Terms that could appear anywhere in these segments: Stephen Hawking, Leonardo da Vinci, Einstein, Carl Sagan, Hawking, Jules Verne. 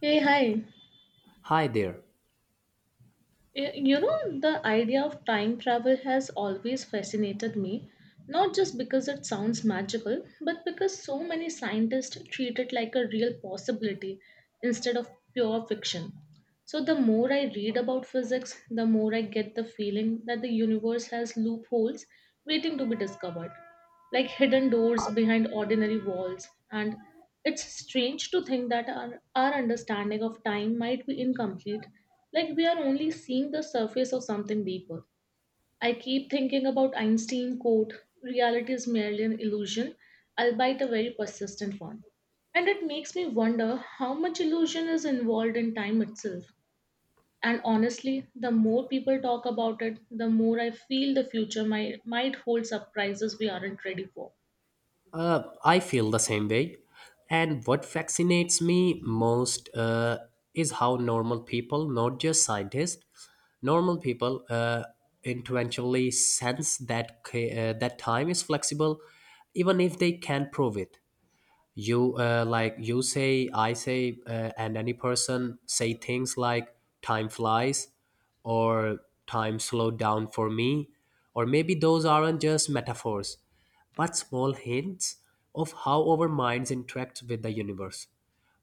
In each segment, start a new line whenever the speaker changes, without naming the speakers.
Hey, hi.
Hi there.
The idea of time travel has always fascinated me, not just because it sounds magical, but because so many scientists treat it like a real possibility instead of pure fiction. So, the more I read about physics, the more I get the feeling that the universe has loopholes waiting to be discovered, like hidden doors behind ordinary walls. And it's strange to think that our understanding of time might be incomplete, like we are only seeing the surface of something deeper. I keep thinking about Einstein quote, reality is merely an illusion, albeit a very persistent one. And it makes me wonder how much illusion is involved in time itself. And honestly, the more people talk about it, the more I feel the future might hold surprises we aren't ready for.
I feel the same way. And what fascinates me most is how normal people, not just scientists, normal people intuitively sense that that time is flexible, even if they can't prove it. You Like you say, I say, and any person say things like "time flies" or "time slowed down for me," or maybe those aren't just metaphors but small hints of how our minds interact with the universe.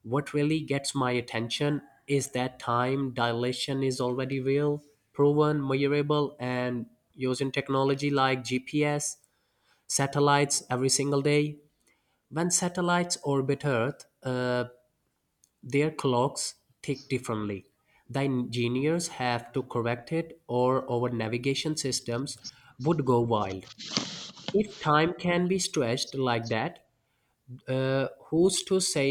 What really gets my attention is that time dilation is already real, proven, measurable, and using technology like GPS, satellites every single day. When satellites orbit Earth, their clocks tick differently. The engineers have to correct it, or our navigation systems would go wild. If time can be stretched like that, who's to say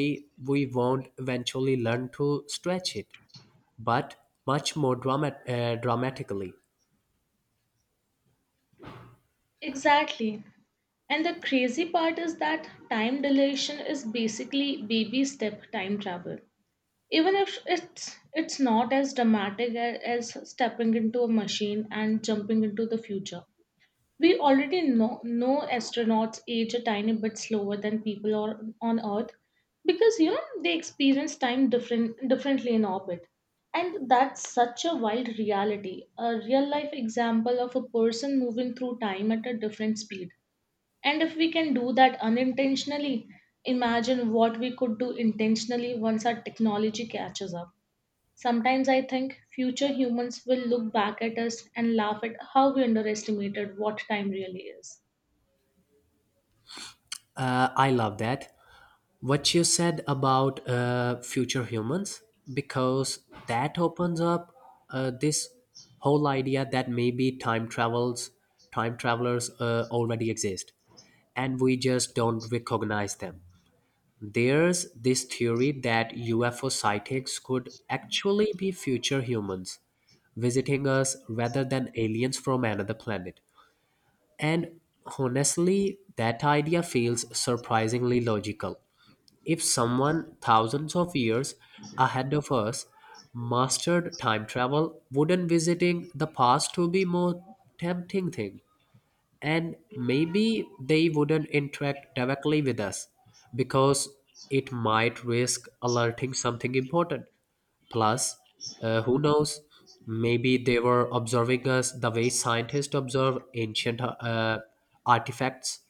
we won't eventually learn to stretch it, but much more dramatically?
Exactly. And the crazy part is that time dilation is basically baby step time travel. Even if it's not as dramatic as stepping into a machine and jumping into the future. We already know astronauts age a tiny bit slower than people on Earth because they experience time differently in orbit. And that's such a wild reality, a real life example of a person moving through time at a different speed, and if we can do that unintentionally, imagine what we could do intentionally once our technology catches up. Sometimes I think future humans will look back at us and laugh at how we underestimated what time really is.
I love that. What you said about future humans, because that opens up this whole idea that maybe time travelers already exist, and we just don't recognize them. There's this theory that UFO sightings could actually be future humans visiting us rather than aliens from another planet. And honestly, that idea feels surprisingly logical. If someone thousands of years ahead of us mastered time travel, wouldn't visiting the past to be more tempting thing? And maybe they wouldn't interact directly with us because it might risk alerting something important. Plus, who knows? Maybe they were observing us the way scientists observe ancient artifacts.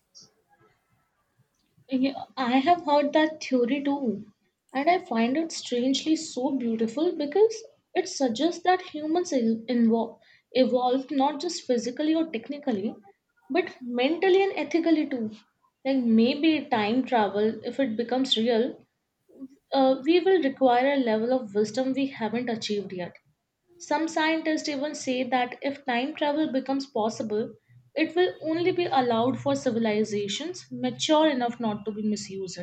Yeah, I have heard that theory too, and I find it strangely so beautiful because it suggests that humans evolved not just physically or technically, but mentally and ethically too. Like maybe time travel, if it becomes real, we will require a level of wisdom we haven't achieved yet. Some scientists even say that if time travel becomes possible, it will only be allowed for civilizations mature enough not to be misused.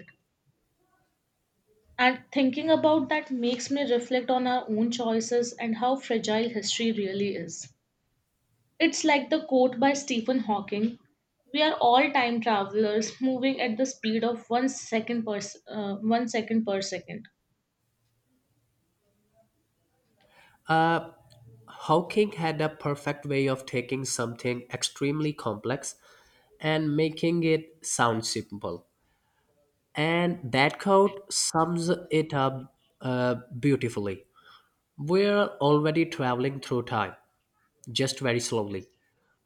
And thinking about that makes me reflect on our own choices and how fragile history really is. It's like the quote by Stephen Hawking, we are all time travelers moving at the speed of one second per, one second per second.
Uh, Hawking had a perfect way of taking something extremely complex and making it sound simple. And that quote sums it up beautifully. We're already traveling through time, just very slowly.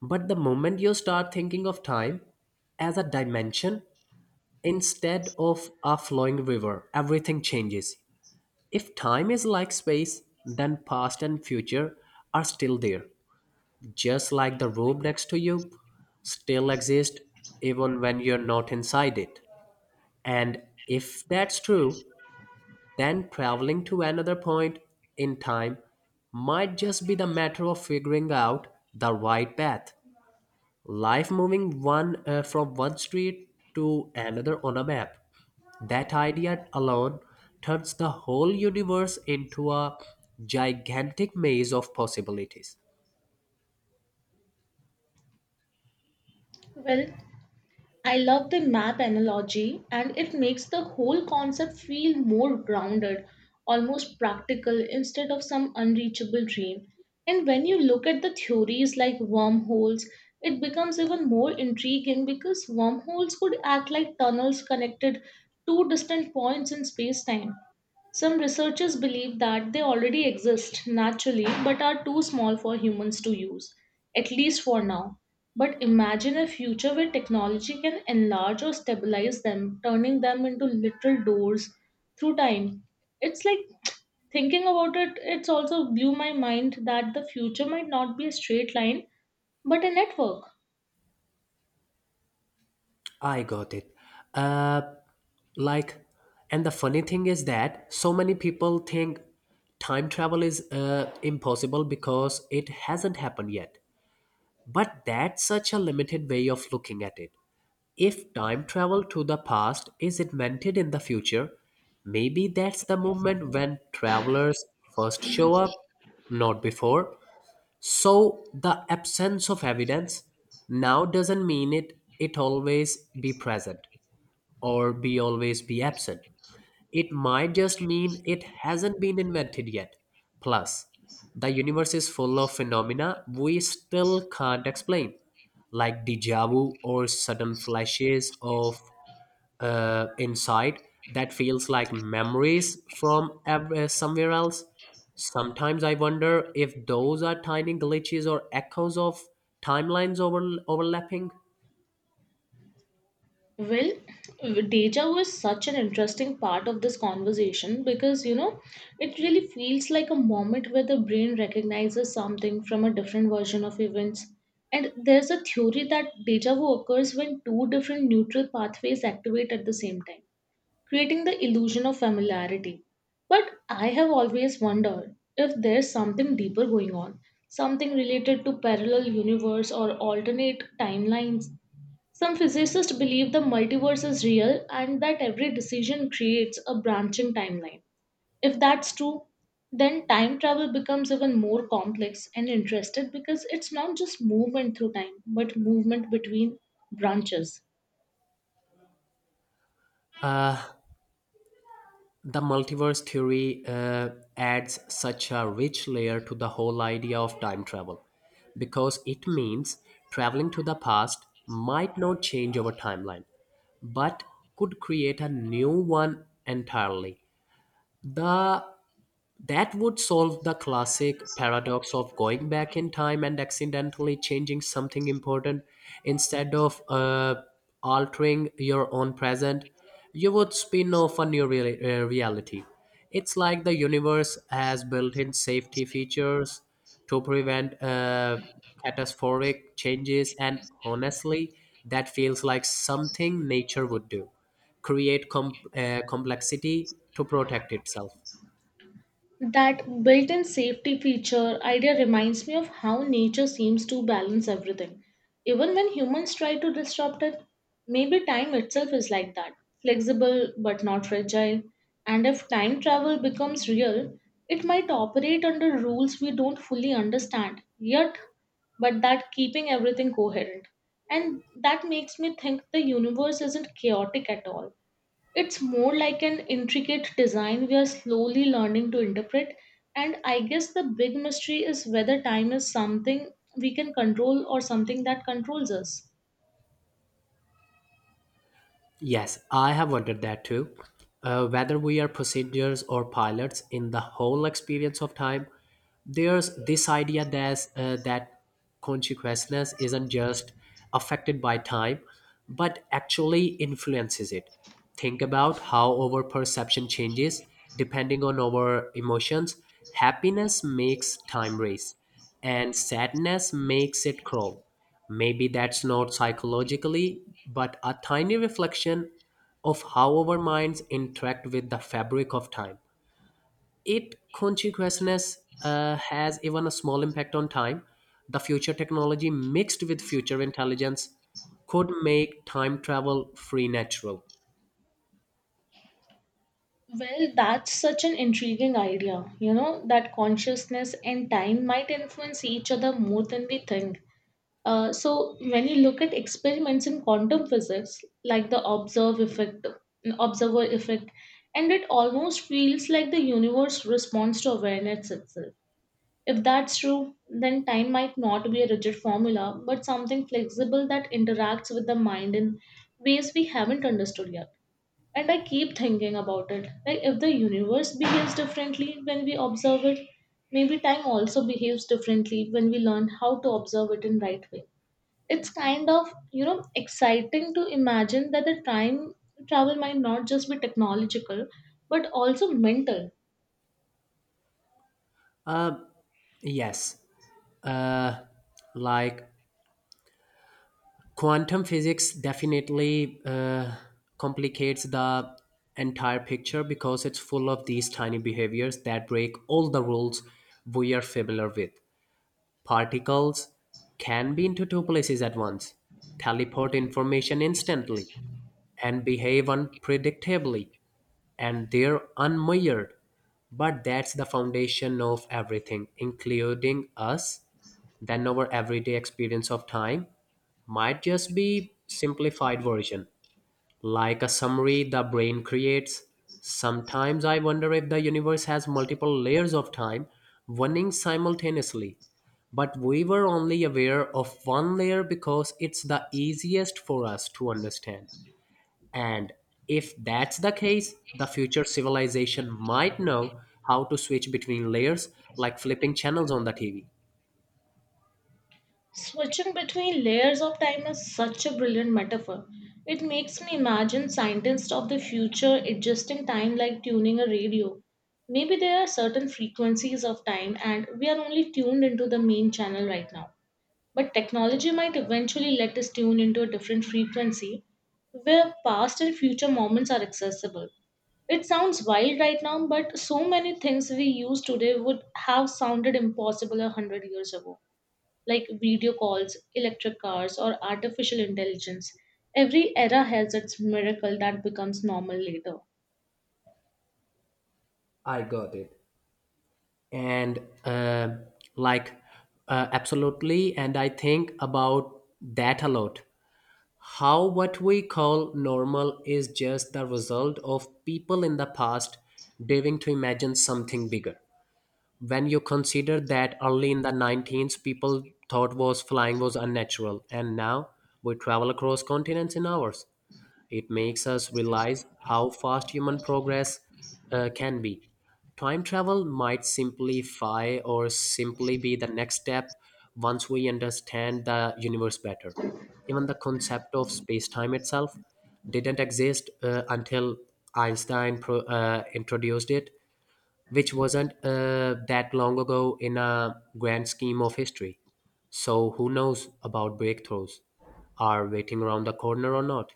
But the moment you start thinking of time as a dimension instead of a flowing river, everything changes. If time is like space, then past and future are still there, just like the room next to you still exists even when you're not inside it. And if that's true, then traveling to another point in time might just be the matter of figuring out the right path. Life moving one from one street to another on a map. That idea alone turns the whole universe into a gigantic maze of possibilities.
Well, I love the map analogy, and it makes the whole concept feel more grounded, almost practical instead of some unreachable dream. And when you look at the theories like wormholes, it becomes even more intriguing because wormholes could act like tunnels connected to distant points in space time. Some researchers believe that they already exist naturally but are too small for humans to use, at least for now. But imagine a future where technology can enlarge or stabilize them, turning them into literal doors through time. It's like, thinking about it, it's also blew my mind that the future might not be a straight line, but a network.
I got it. Uh, like, and the funny thing is that so many people think time travel is impossible because it hasn't happened yet. But that's such a limited way of looking at it. If time travel to the past is invented in the future, maybe that's the moment when travelers first show up, not before. So the absence of evidence now doesn't mean it always be present or be always be absent. It might just mean it hasn't been invented yet. Plus, the universe is full of phenomena we still can't explain, like deja vu or sudden flashes of insight that feels like memories from somewhere else. Sometimes I wonder if those are tiny glitches or echoes of timelines overlapping.
Well, deja vu is such an interesting part of this conversation because it really feels like a moment where the brain recognizes something from a different version of events. And there's a theory that deja vu occurs when two different neutral pathways activate at the same time, creating the illusion of familiarity. But I have always wondered if there's something deeper going on, something related to parallel universe or alternate timelines. Some physicists believe the multiverse is real and that every decision creates a branching timeline. If that's true, then time travel becomes even more complex and interesting because it's not just movement through time, but movement between branches.
Uh, The multiverse theory adds such a rich layer to the whole idea of time travel because it means traveling to the past might not change our timeline but could create a new one entirely. The That would solve the classic paradox of going back in time and accidentally changing something important instead of altering your own present. You would spin off a new reality. It's like the universe has built in safety features to prevent catastrophic changes, and honestly, that feels like something nature would do create complexity to protect itself.
That built in safety feature idea reminds me of how nature seems to balance everything. Even when humans try to disrupt it, maybe time itself is like that, flexible but not fragile. And if time travel becomes real, it might operate under rules we don't fully understand yet, but that keeping everything coherent. And that makes me think the universe isn't chaotic at all, it's more like an intricate design we are slowly learning to interpret, and I guess the big mystery is whether time is something we can control or something that controls us.
Yes, I have wondered that too. Whether we are passengers or pilots in the whole experience of time, there's this idea that consciousness isn't just affected by time, but actually influences it. Think about how our perception changes depending on our emotions. Happiness makes time race, and sadness makes it crawl. Maybe that's not psychologically, but a tiny reflection of how our minds interact with the fabric of time. It consciousness has even a small impact on time. The future technology mixed with future intelligence could make time travel free natural.
Well, that's such an intriguing idea, you know, that consciousness and time might influence each other more than we think. So, when you look at experiments in quantum physics, like the observer effect, and it almost feels like the universe responds to awareness itself. If that's true, then time might not be a rigid formula, but something flexible that interacts with the mind in ways we haven't understood yet. And I keep thinking about it. Like, if the universe behaves differently when we observe it, maybe time also behaves differently when we learn how to observe it in right way. It's kind of, you know, exciting to imagine that the time travel might not just be technological, but also mental.
Yes, uh, like quantum physics definitely uh, complicates the entire picture because it's full of these tiny behaviors that break all the rules we are familiar with. Particles can be into two places at once, teleport information instantly, and behave unpredictably. And they're unmired. But that's the foundation of everything, including us. Then our everyday experience of time might just be simplified version, like a summary the brain creates. Sometimes I wonder if the universe has multiple layers of time running simultaneously. But we were only aware of one layer because it's the easiest for us to understand. And if that's the case, the future civilization might know how to switch between layers like flipping channels on the TV.
Switching between layers of time is such a brilliant metaphor. It makes me imagine scientists of the future adjusting time like tuning a radio. Maybe there are certain frequencies of time and we are only tuned into the main channel right now. But technology might eventually let us tune into a different frequency where past and future moments are accessible. It sounds wild right now, but so many things we use today would have sounded impossible a hundred years ago, like video calls, electric cars, or artificial intelligence. Every era has its miracle that becomes normal later.
I got it. And uh, like, Absolutely. And I think about that a lot. How what we call normal is just the result of people in the past daring to imagine something bigger. When you consider that early in the 19th people thought was flying was unnatural and now we travel across continents in hours, it makes us realize how fast human progress can be. Time travel might simplify or simply be the next step once we understand the universe better. Even the concept of space-time itself didn't exist until Einstein introduced it, which wasn't that long ago in a grand scheme of history. So who knows about breakthroughs? Are waiting around the corner or not?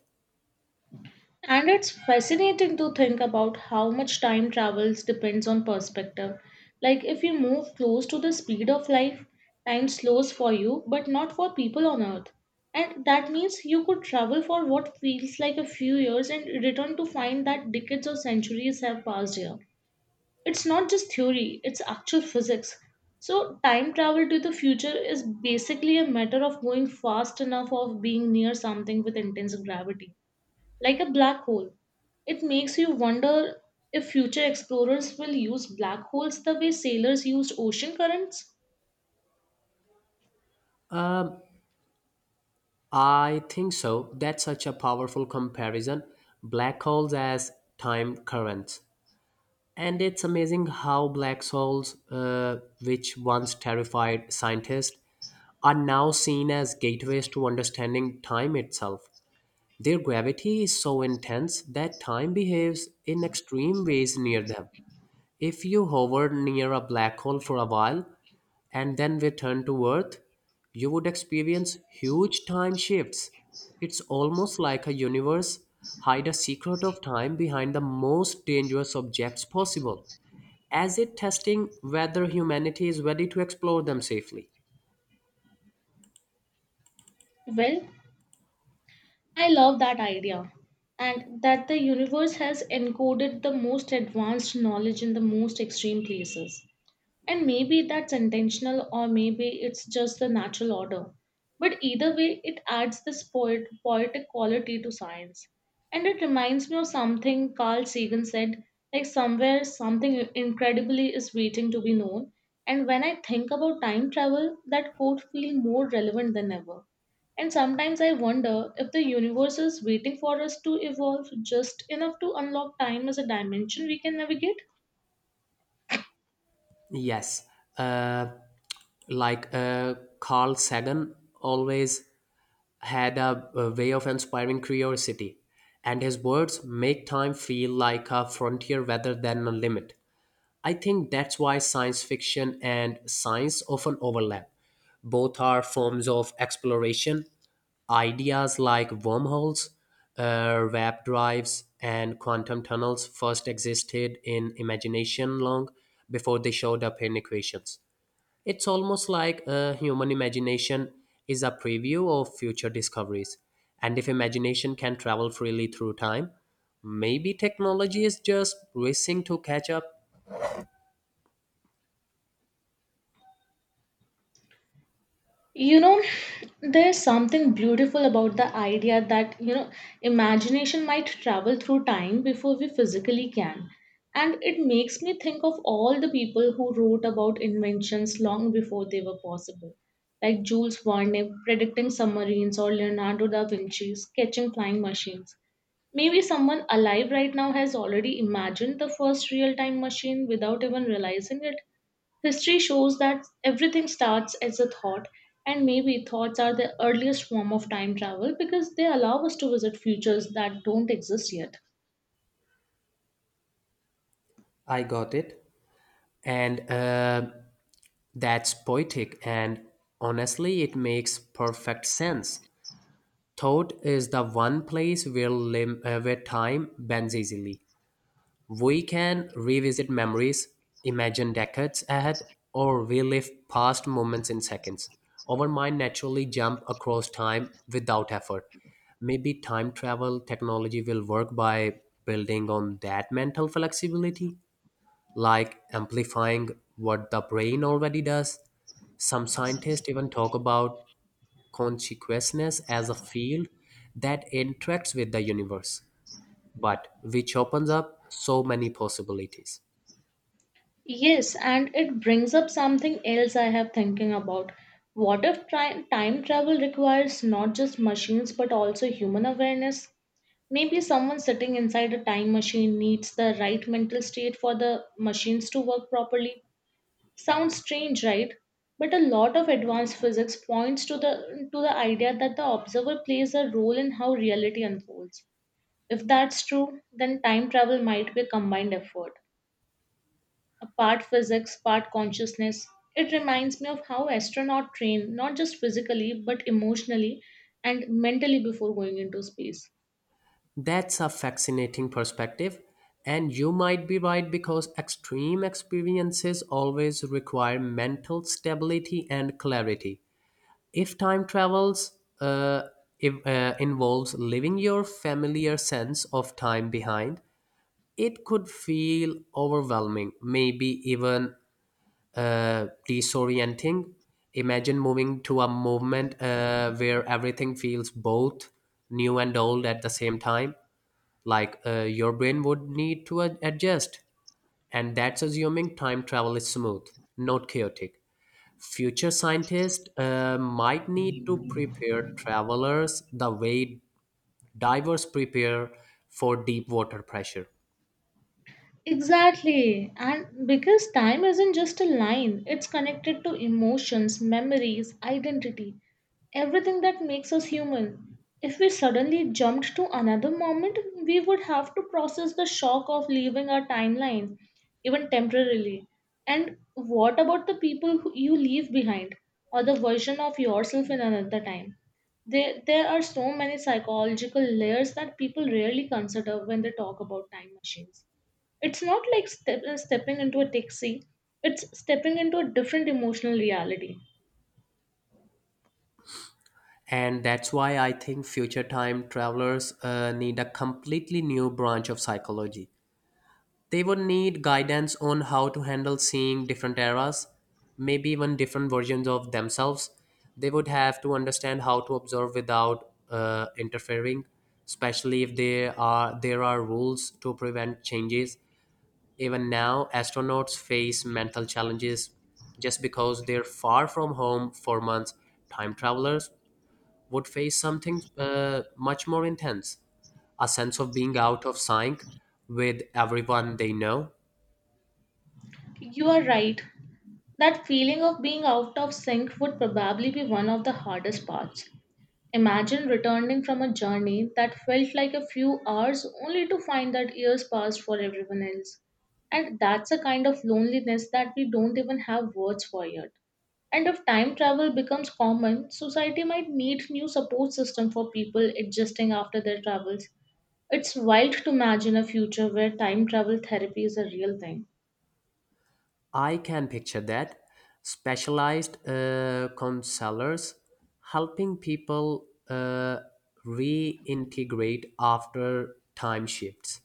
And it's fascinating to think about how much time travels depends on perspective. Like, if you move close to the speed of life, time slows for you, but not for people on Earth. And that means you could travel for what feels like a few years and return to find that decades or centuries have passed here. It's not just theory, it's actual physics. So, time travel to the future is basically a matter of going fast enough of being near something with intense gravity, like a black hole. It makes you wonder if future explorers will use black holes the way sailors used ocean currents.
I think so. That's such a powerful comparison. Black holes as time currents. And it's amazing how black holes, which once terrified scientists, are now seen as gateways to understanding time itself. Their gravity is so intense that time behaves in extreme ways near them. If you hovered near a black hole for a while and then returned to Earth, you would experience huge time shifts. It's almost like a universe hide a secret of time behind the most dangerous objects possible, as it testing whether humanity is ready to explore them safely.
Well, I love that idea, and that the universe has encoded the most advanced knowledge in the most extreme places. And maybe that's intentional, or maybe it's just the natural order. But either way, it adds this poetic quality to science. And it reminds me of something Carl Sagan said, like, somewhere, something incredibly is waiting to be known. And when I think about time travel, that quote feels more relevant than ever. And sometimes I wonder if the universe is waiting for us to evolve just enough to unlock time as a dimension we can navigate.
Yes, uh, Carl Sagan always had a way of inspiring curiosity, and his words make time feel like a frontier rather than a limit. I think that's why science fiction and science often overlap. Both are forms of exploration. Ideas like wormholes, warp drives, and quantum tunnels first existed in imagination long before they showed up in equations. It's almost like a human imagination is a preview of future discoveries. And if imagination can travel freely through time, maybe technology is just racing to catch up.
You know, there's something beautiful about the idea that, imagination might travel through time before we physically can, and it makes me think of all the people who wrote about inventions long before they were possible, like Jules Verne predicting submarines or Leonardo da Vinci sketching flying machines. Maybe someone alive right now has already imagined the first real time machine without even realizing it. History shows that everything starts as a thought, and maybe thoughts are the earliest form of time travel because they allow us to visit futures that don't exist yet.
I got it. And That's poetic. And honestly, it makes perfect sense. Thought is the one place where time bends easily. We can revisit memories, imagine decades ahead, or relive past moments in seconds. Our mind naturally jump across time without effort. Maybe time travel technology will work by building on that mental flexibility, like amplifying what the brain already does. Some scientists even talk about consciousness as a field that interacts with the universe, but which opens up so many possibilities.
Yes, and it brings up something else I have thinking about. What if time travel requires not just machines but also human awareness? Maybe someone sitting inside a time machine needs the right mental state for the machines to work properly. Sounds strange, right? But a lot of advanced physics points to the idea that the observer plays a role in how reality unfolds. If that's true, then time travel might be a combined effort, part physics, part consciousness. It reminds me of how astronauts train, not just physically, but emotionally and mentally before going into space.
That's a fascinating perspective, and you might be right because extreme experiences always require mental stability and clarity. If time travels if, involves leaving your familiar sense of time behind, it could feel overwhelming, maybe even disorienting. Imagine moving to a movement where everything feels both new and old at the same time, your brain would need to adjust, and that's assuming time travel is smooth, not chaotic. Future scientists might need to prepare travelers the way divers prepare for deep water pressure.
Exactly. And because time isn't just a line, it's connected to emotions, memories, identity, everything that makes us human. If we suddenly jumped to another moment, we would have to process the shock of leaving our timeline, even temporarily. And what about the people who you leave behind, or the version of yourself in another time? There are so many psychological layers that people rarely consider when they talk about time machines. It's not like stepping into a taxi, it's stepping into a different emotional reality.
And that's why I think future time travelers need a completely new branch of psychology. They would need guidance on how to handle seeing different eras, maybe even different versions of themselves. They would have to understand how to observe without interfering, especially if there are rules to prevent changes. Even now, astronauts face mental challenges just because they're far from home for months. Time travelers would face something much more intense, a sense of being out of sync with everyone they know.
You are right. That feeling of being out of sync would probably be one of the hardest parts. Imagine returning from a journey that felt like a few hours only to find that years passed for everyone else. And that's a kind of loneliness that we don't even have words for yet. And if time travel becomes common, society might need new support system for people adjusting after their travels. It's wild to imagine a future where time travel therapy is a real thing.
I can picture that. Specialized counselors helping people reintegrate after time shifts.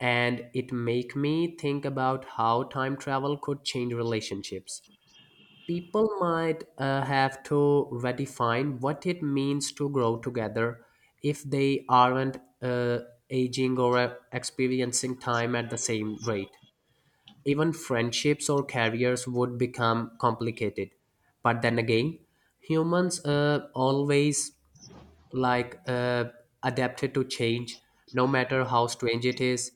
And it make me think about how time travel could change relationships. People might have to redefine what it means to grow together if they aren't uh, aging or experiencing time at the same rate. Even friendships or careers would become complicated. But then again, humans always like uh, adapted to change, no matter how strange it is.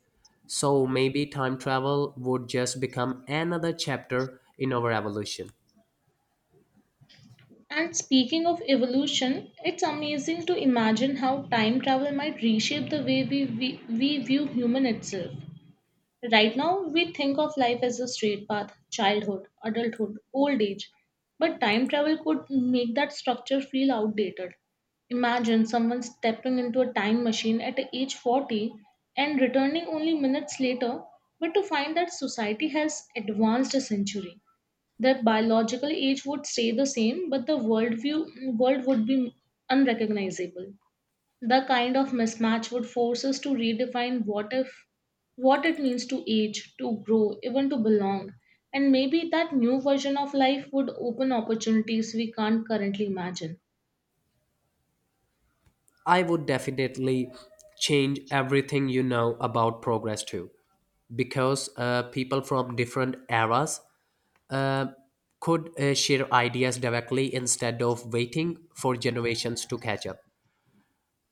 So maybe time travel would just become another chapter in our evolution.
And speaking of evolution, it's amazing to imagine how time travel might reshape the way we view human itself. Right now, we think of life as a straight path childhood, adulthood, old age. But time travel could make that structure feel outdated. Imagine someone stepping into a time machine at age 40 and returning only minutes later, but to find that society has advanced a century. Their biological age would stay the same, but the worldview world would be unrecognizable. The kind of mismatch would force us to redefine what if what it means to age, to grow, even to belong. And maybe that new version of life would open opportunities we can't currently imagine.
I would definitely change everything you know about progress too because people from different eras uh, could share ideas directly instead of waiting for generations to catch up.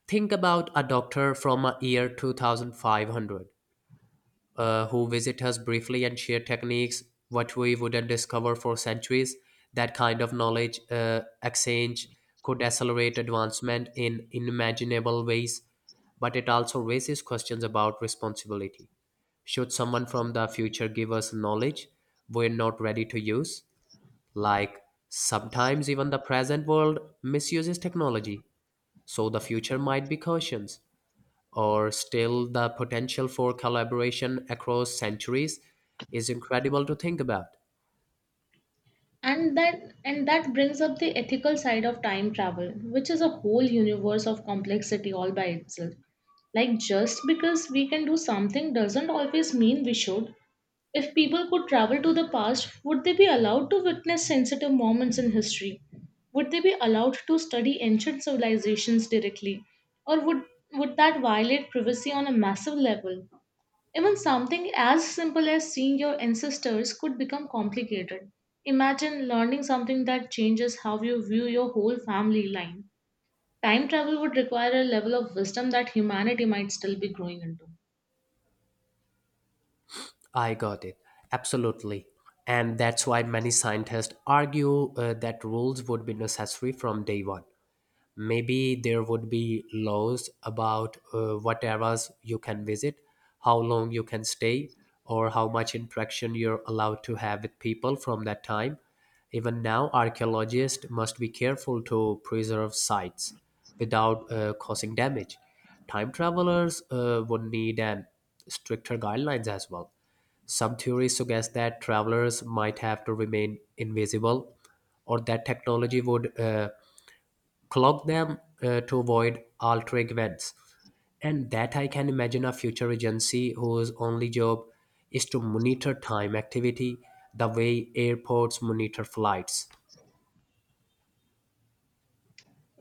Think about a doctor from a year 2500, who visit us briefly and share techniques what we wouldn't discover for centuries. That kind of knowledge exchange could accelerate advancement in unimaginable ways, but it also raises questions about responsibility. Should someone from the future give us knowledge we're not ready to use? Like, sometimes even the present world misuses technology, so the future might be cautious. Or still the potential for collaboration across centuries is incredible to think about.
And that brings up the ethical side of time travel, which is a whole universe of complexity all by itself. Like just because we can do something doesn't always mean we should. If people could travel to the past, would they be allowed to witness sensitive moments in history? Would they be allowed to study ancient civilizations directly? Or would, would that violate privacy on a massive level? Even something as simple as seeing your ancestors could become complicated. Imagine learning something that changes how you view your whole family line. Time travel would require a level of wisdom that humanity might still be growing into.
I got it, absolutely. And that's why many scientists argue that rules would be necessary from day one. Maybe there would be laws about what eras you can visit, how long you can stay, or how much interaction you're allowed to have with people from that time. Even now archaeologists must be careful to preserve sites without causing damage. Time travelers would need an stricter guidelines as well. Some theories suggest that travelers might have to remain invisible, or that technology would clog them to avoid altering events. And that I can imagine a future agency whose only job is to monitor time activity the way airports monitor flights.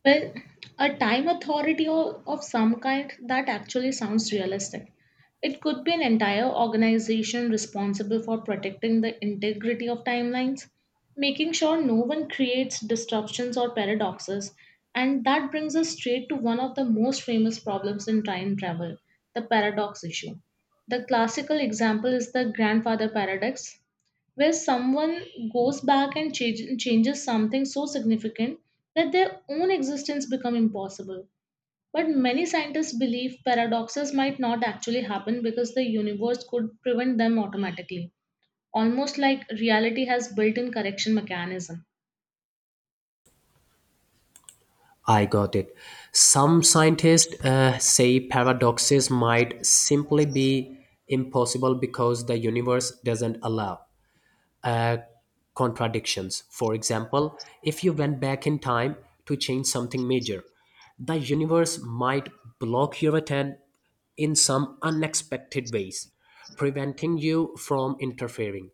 Well, a time authority of some kind that actually sounds realistic. It could be an entire organization responsible for protecting the integrity of timelines, making sure no one creates disruptions or paradoxes. And that brings us straight to one of the most famous problems in time travel, the paradox issue. The classical example is the grandfather paradox, where someone goes back and changes something so significant that their own existence become impossible, but many scientists believe paradoxes might not actually happen because the universe could prevent them automatically, almost like reality has built-in correction mechanism.
I got it. Some scientists say paradoxes might simply be impossible because the universe doesn't allow uh, contradictions. For example, if you went back in time to change something major, the universe might block your attempt in some unexpected ways, preventing you from interfering.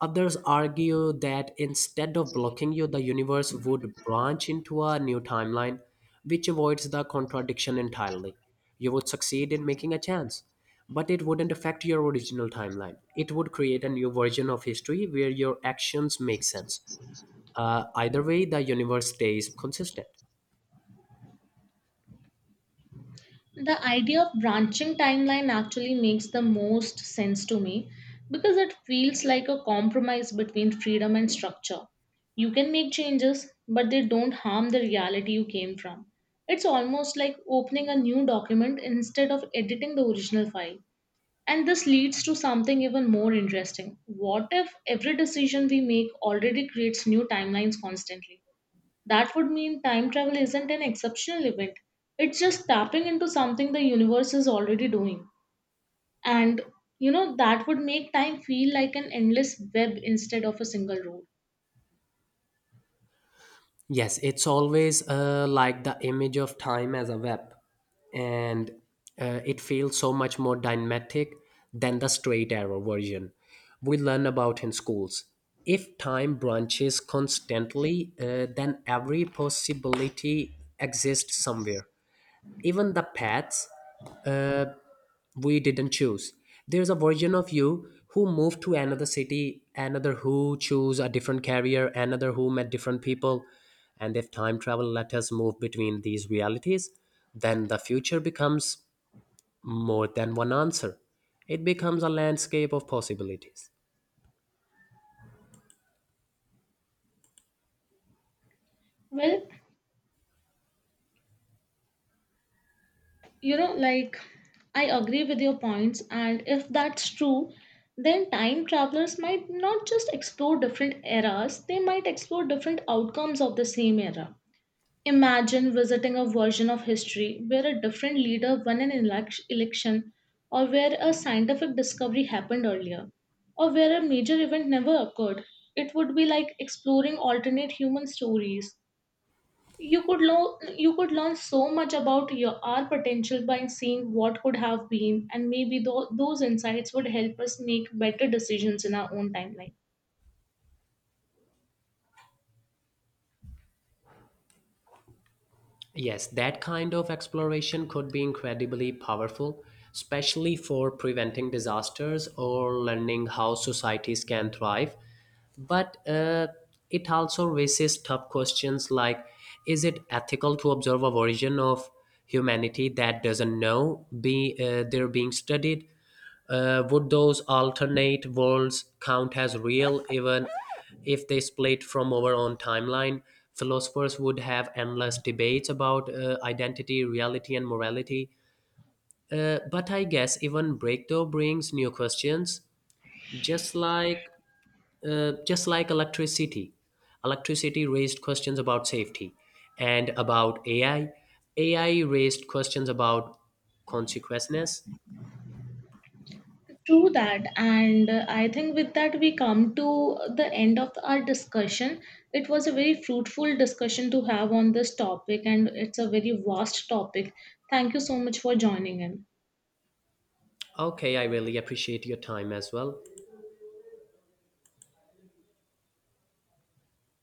Others argue that instead of blocking you, the universe would branch into a new timeline, which avoids the contradiction entirely. You would succeed in making a chance, but it wouldn't affect your original timeline. It would create a new version of history where your actions make sense. Either way, the universe stays consistent.
The idea of branching timeline actually makes the most sense to me because it feels like a compromise between freedom and structure. You can make changes, but they don't harm the reality you came from. It's almost like opening a new document instead of editing the original file. And this leads to something even more interesting. What if every decision we make already creates new timelines constantly? That would mean time travel isn't an exceptional event. It's just tapping into something the universe is already doing. And you know, that would make time feel like an endless web instead of a single road.
Yes, it's always like the image of time as a web, and it feels so much more dynamic than the straight arrow version we learn about in schools. If time branches constantly, then every possibility exists somewhere. Even the paths uh, we didn't choose. There's a version of you who moved to another city, another who chose a different career, another who met different people. And if time travel let us move between these realities, then the future becomes more than one answer. It becomes a landscape of possibilities.
Well, you know, like I agree with your points, and if that's true, then time travelers might not just explore different eras, they might explore different outcomes of the same era. Imagine visiting a version of history where a different leader won an election, or where a scientific discovery happened earlier, or where a major event never occurred. It would be like exploring alternate human stories. You could learn so much about our potential by seeing what could have been, and maybe those insights would help us make better decisions in our own timeline.
Yes, that kind of exploration could be incredibly powerful, especially for preventing disasters or learning how societies can thrive. But it also raises tough questions like, is it ethical to observe a version of humanity that doesn't know they're being studied? Would those alternate worlds count as real even if they split from our own timeline? Philosophers would have endless debates about identity, reality, and morality. But I guess even breakthrough brings new questions, just like just like electricity. Electricity raised questions about safety, and about AI. AI raised questions about consequences.
True that, and I think with that we come to the end of our discussion. It was a very fruitful discussion to have on this topic, and it's a very vast topic. Thank you so much for joining in.
Okay, I really appreciate your time as well.